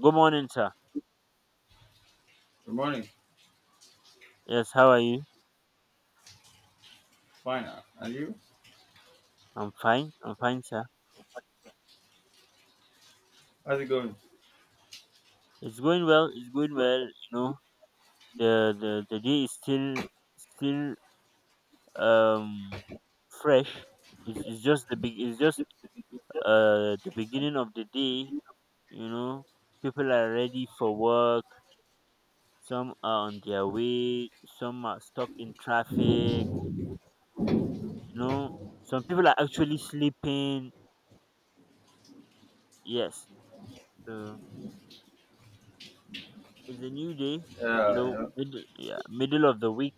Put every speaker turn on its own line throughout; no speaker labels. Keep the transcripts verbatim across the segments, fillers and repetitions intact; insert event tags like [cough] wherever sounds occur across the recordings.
Good morning, sir.
Good morning.
Yes, how are you?
Fine. uh, And you?
I'm fine. I'm fine, sir.
How's it going?
It's going well. It's going well. You know, the the, the day is still still um fresh. It's, it's just the big. It's just uh the beginning of the day. You know, people are ready for work. Some are on their way. Some are stuck in traffic. You know, some people are actually sleeping. Yes. So it's a new day. You
Yeah, you
know,
know.
mid- yeah, middle of the week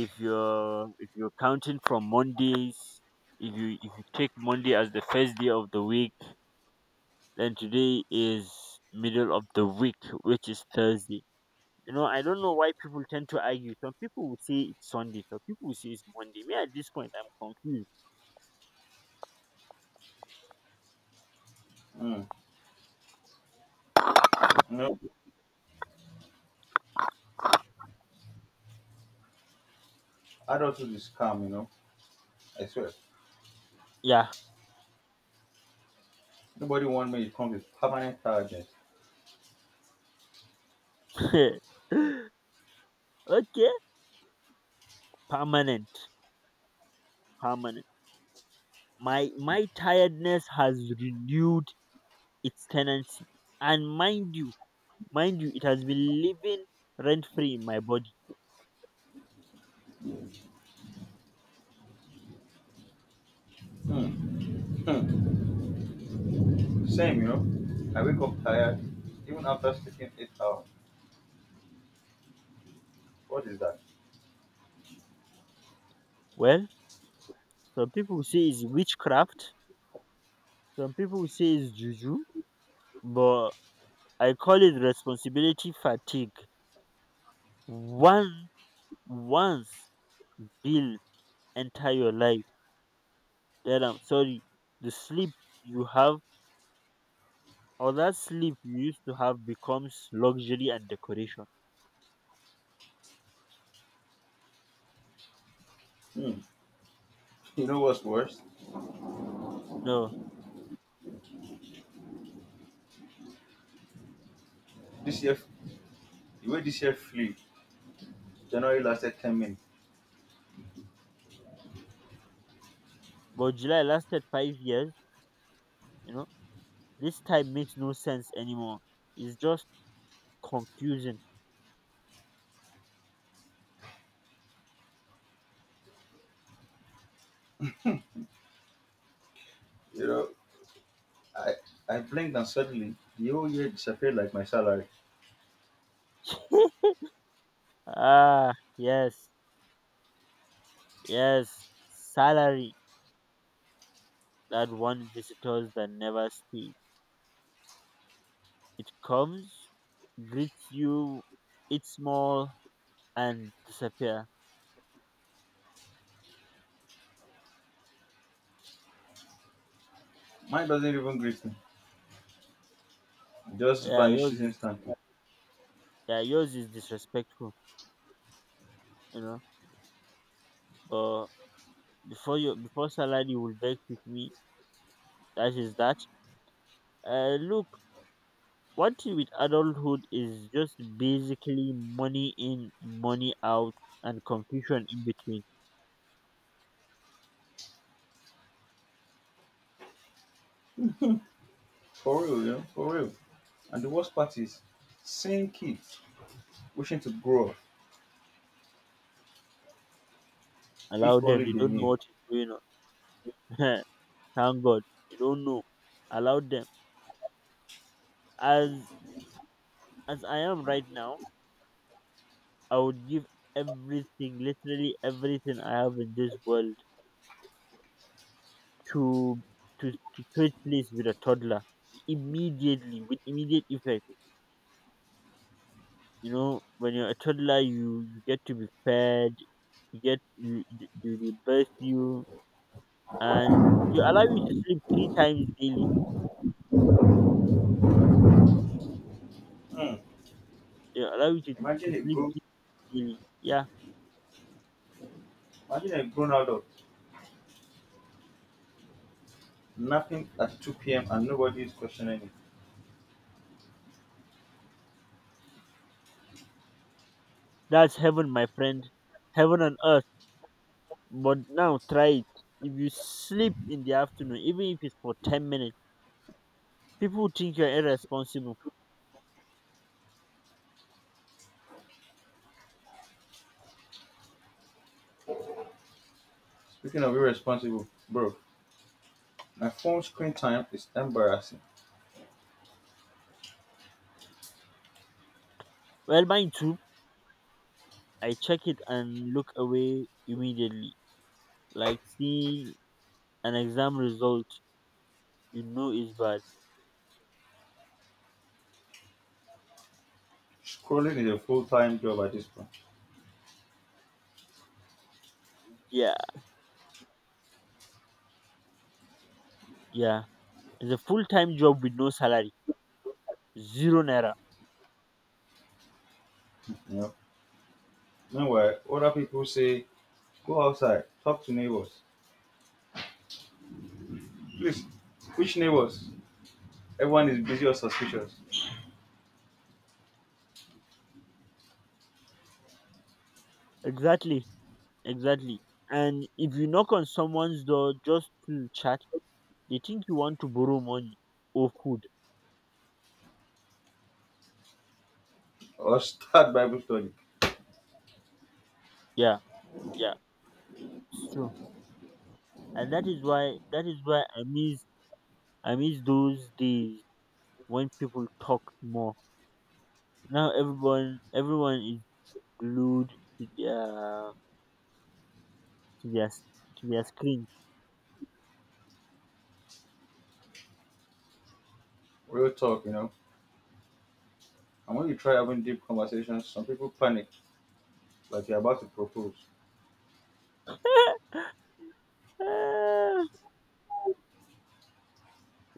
if you're if you're counting from Mondays. If you if you take Monday as the first day of the week, then today is middle of the week, which is Thursday. You know, I don't know why people tend to argue. Some people would say it's Sunday, some people would say it's Monday. Me, at this point, I'm confused.
Mm. You know, adulthood is calm, you know. I swear.
Yeah.
Nobody wants me to come with permanent tiredness.
[laughs] Okay. Permanent. Permanent. My my tiredness has renewed its tenancy, and mind you mind you it has been living rent free in my body.
Mm. Mm. Same, you know. I wake up tired, even after sleeping eight hours. What is that?
Well, some people will say it's witchcraft, some people will say it's juju, but I call it responsibility fatigue. One once bill enter your life, then I'm sorry, the sleep you have, or that sleep you used to have becomes luxury and decoration.
Mm. [laughs] You know what's worse?
No.
This year, the way this year flew, January lasted ten minutes.
But July lasted five years, you know. This time makes no sense anymore. It's just confusing.
You know, I, I blinked and suddenly the whole year disappeared like my salary.
Ah yes, yes. Salary, that one visitors that never stays. It comes, greets you, eats small, and disappear.
Mine doesn't even greet me. It just
Yeah, yours
vanishes
is
instantly.
yeah, yours is disrespectful, you know. But before you before salary will beg with me, that is that. Uh, look, one thing with adulthood is just basically money in, money out, and confusion in between.
For real, you know, for real. And the worst part is seeing kids wishing to grow up
Allow
if only
them; they
they
don't know
knew.
what is going on. [laughs] Thank God, they don't know. Allow them as as I am right now. I would give everything, literally everything I have in this world, to to, to trade place with a toddler immediately, with immediate effect. You know, when you're a toddler, you, you get to be fed, you get you, you you- they birth you, and you allow you to sleep three times daily.
Hmm.
They allow you to,
Imagine
to
a
sleep
grown
daily. Yeah,
Imagine a grown adult napping at two p m and nobody is questioning it.
that's heaven, my friend, heaven on earth. But now try it. If you sleep in the afternoon, even if it's for ten minutes, people think you're irresponsible.
Speaking of irresponsible, bro, my phone screen time is embarrassing.
Well, mine too. I check it and look away immediately. Like seeing an exam result, you know is bad.
Scrolling is a full time job at this point.
Yeah, yeah. It's a full time job with no salary, zero naira.
You know. Meanwhile, other people say go outside, talk to neighbors. Please, which neighbors? Everyone is busy or suspicious.
Exactly, exactly. And if you knock on someone's door just to chat, they think you want to borrow money or food.
Or start Bible study.
Yeah, yeah, it's true. and that is why that is why I miss I miss those days when people talked more. Now everyone everyone is glued to their to their, s- to their screen.
Real talk, you know. And when you try having deep conversations, some people panic, like you're about to propose.
[laughs]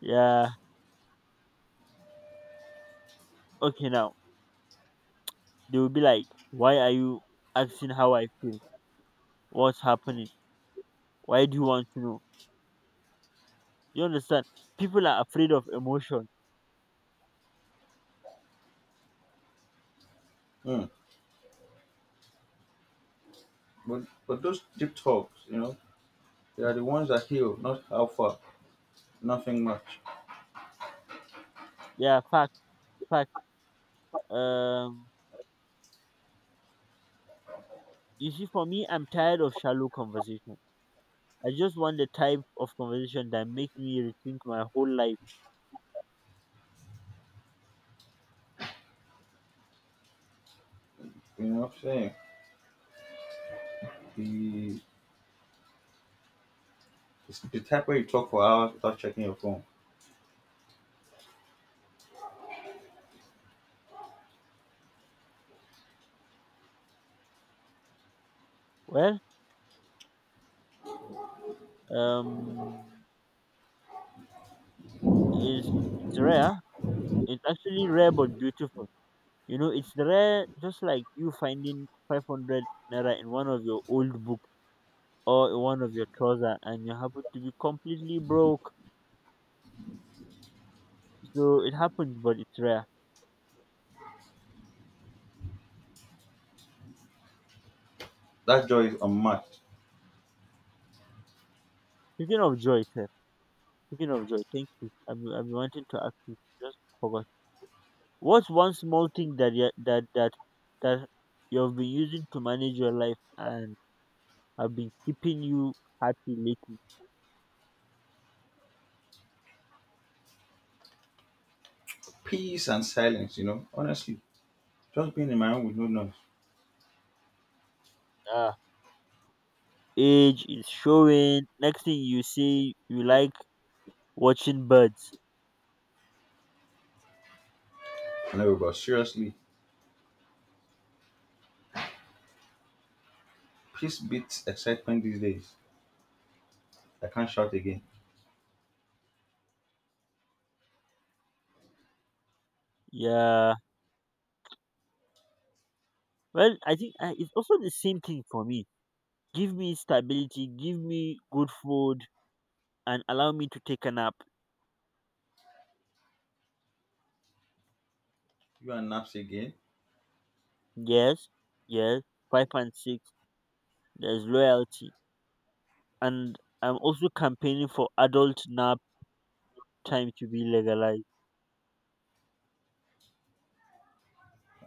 Yeah. Okay. Now they will be like, "Why are you asking how I feel? What's happening? Why do you want to know?" You understand? People are afraid of emotion.
Mm. But but those deep talks, you know, they are the ones that heal, not alpha, nothing much.
Yeah. Fact. Fact. Um. You see, for me, I'm tired of shallow conversation. I just want the type of conversation that makes me rethink my whole life.
You know what I'm saying? The It's the type where you talk for hours without checking your phone.
Well, um, it's, it's rare. It's actually rare but beautiful. You know, it's rare, just like you finding five hundred naira in one of your old book, or in one of your trouser, and you happen to be completely broke. So it happens, but it's rare.
That joy is unmatched.
Speaking of joy, sir. Speaking of joy, thank you. I've been, I've been wanting to ask you. Just forgot. What's one small thing that you that that that you've been using to manage your life and have been keeping you happy lately?
Peace and silence, you know. Honestly, just being in my room with no noise.
Ah, age is showing. Next thing you say, you like watching birds.
No, but seriously, peace beats excitement these days. I can't shout again.
Yeah. Well, I think I, it's also the same thing for me. Give me stability, give me good food, and allow me to take a nap.
You are naps again.
Yes, yes. Five and six. There's loyalty, and I'm also campaigning for adult nap time to be legalized.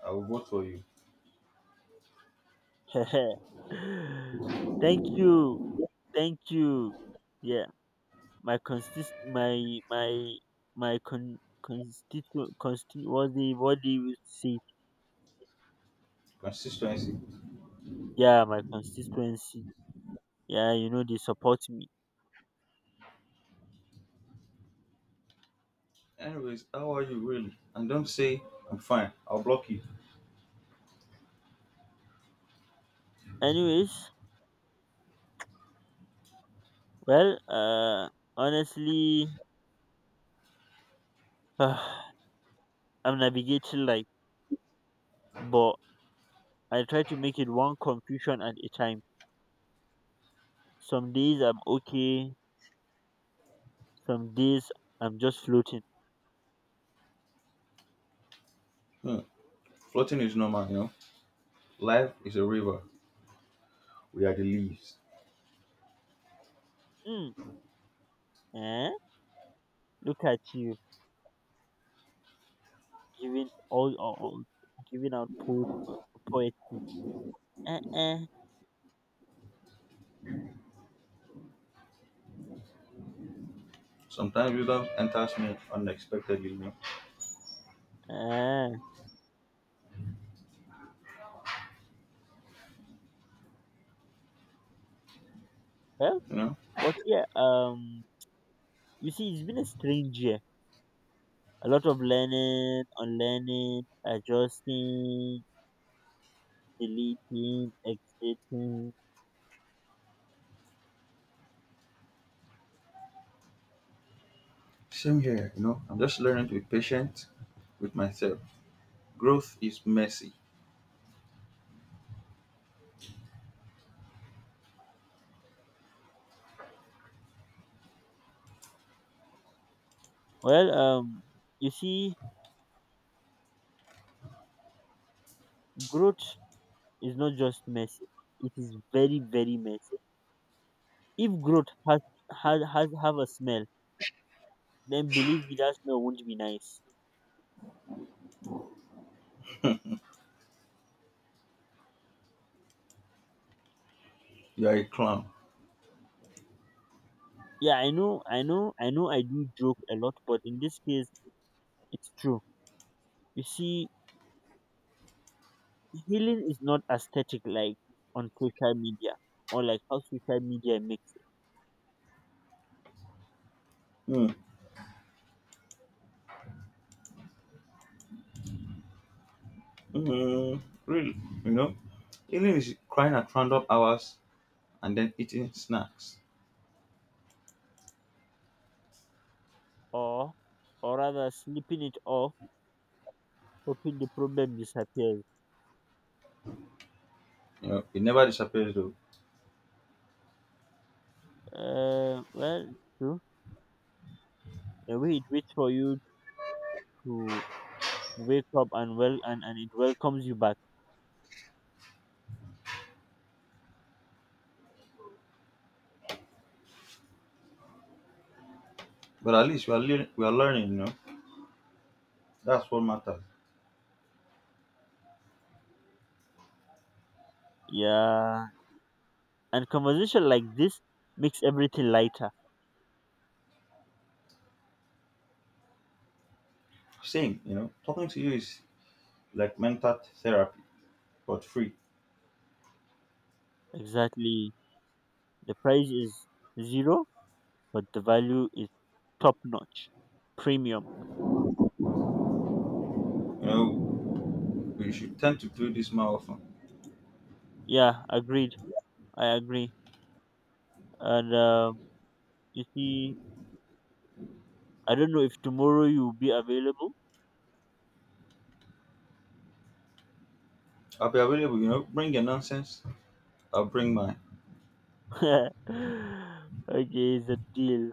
I will vote for you.
[laughs] Thank you, thank you. Yeah, my consist, my my my con constituent consti what they what they will say.
Consistency.
Yeah, my constituency. Yeah, you know they support me.
Anyways, how are you really? And don't say I'm fine. I'll block you.
Anyways, well, uh, honestly, [sighs] I'm navigating life, but I try to make it one confusion at a time. Some days I'm okay, some days I'm just floating.
Hmm. Floating is normal, you know. Life is a river. We are the leaves.
Mm, eh? Look at you. Giving all, all, all giving out po- uh, poetry. Uh, uh,
Sometimes wisdom enters me unexpectedly, you know.
uh. Well,
You know.
but yeah, um, you see, it's been a strange year. A lot of learning, unlearning, adjusting, deleting, exiting.
Same here, you know. I'm just learning to be patient with myself. Growth is messy.
Well, um, you see, growth is not just messy. It is very, very messy. If growth has has has have a smell, then believe me, that smell won't be nice.
You are a clown.
Yeah, I know, I know, I know I do joke a lot, but in this case, it's true. You see, healing is not aesthetic like on social media, or like how social media makes it,
Hmm. Hmm. Really, you know. Healing is crying at random hours and then eating snacks.
or, or rather, slipping it off, hoping the problem disappears.
You know, it never disappears though.
Uh, well, it's true. The way it waits for you to wake up and well, and, and it welcomes you back.
But at least we are lear- we are learning. You know, that's what matters.
Yeah, and conversation like this makes everything lighter.
Same, you know, talking to you is like mental therapy, but free.
Exactly. The price is zero but the value is top notch, premium.
You know, we should tend to do this more often.
Yeah, agreed. I agree. And um, you see, I don't know if tomorrow you'll be available.
I'll be available, you know, bring your nonsense, I'll bring mine.
[laughs] Okay, it's a deal.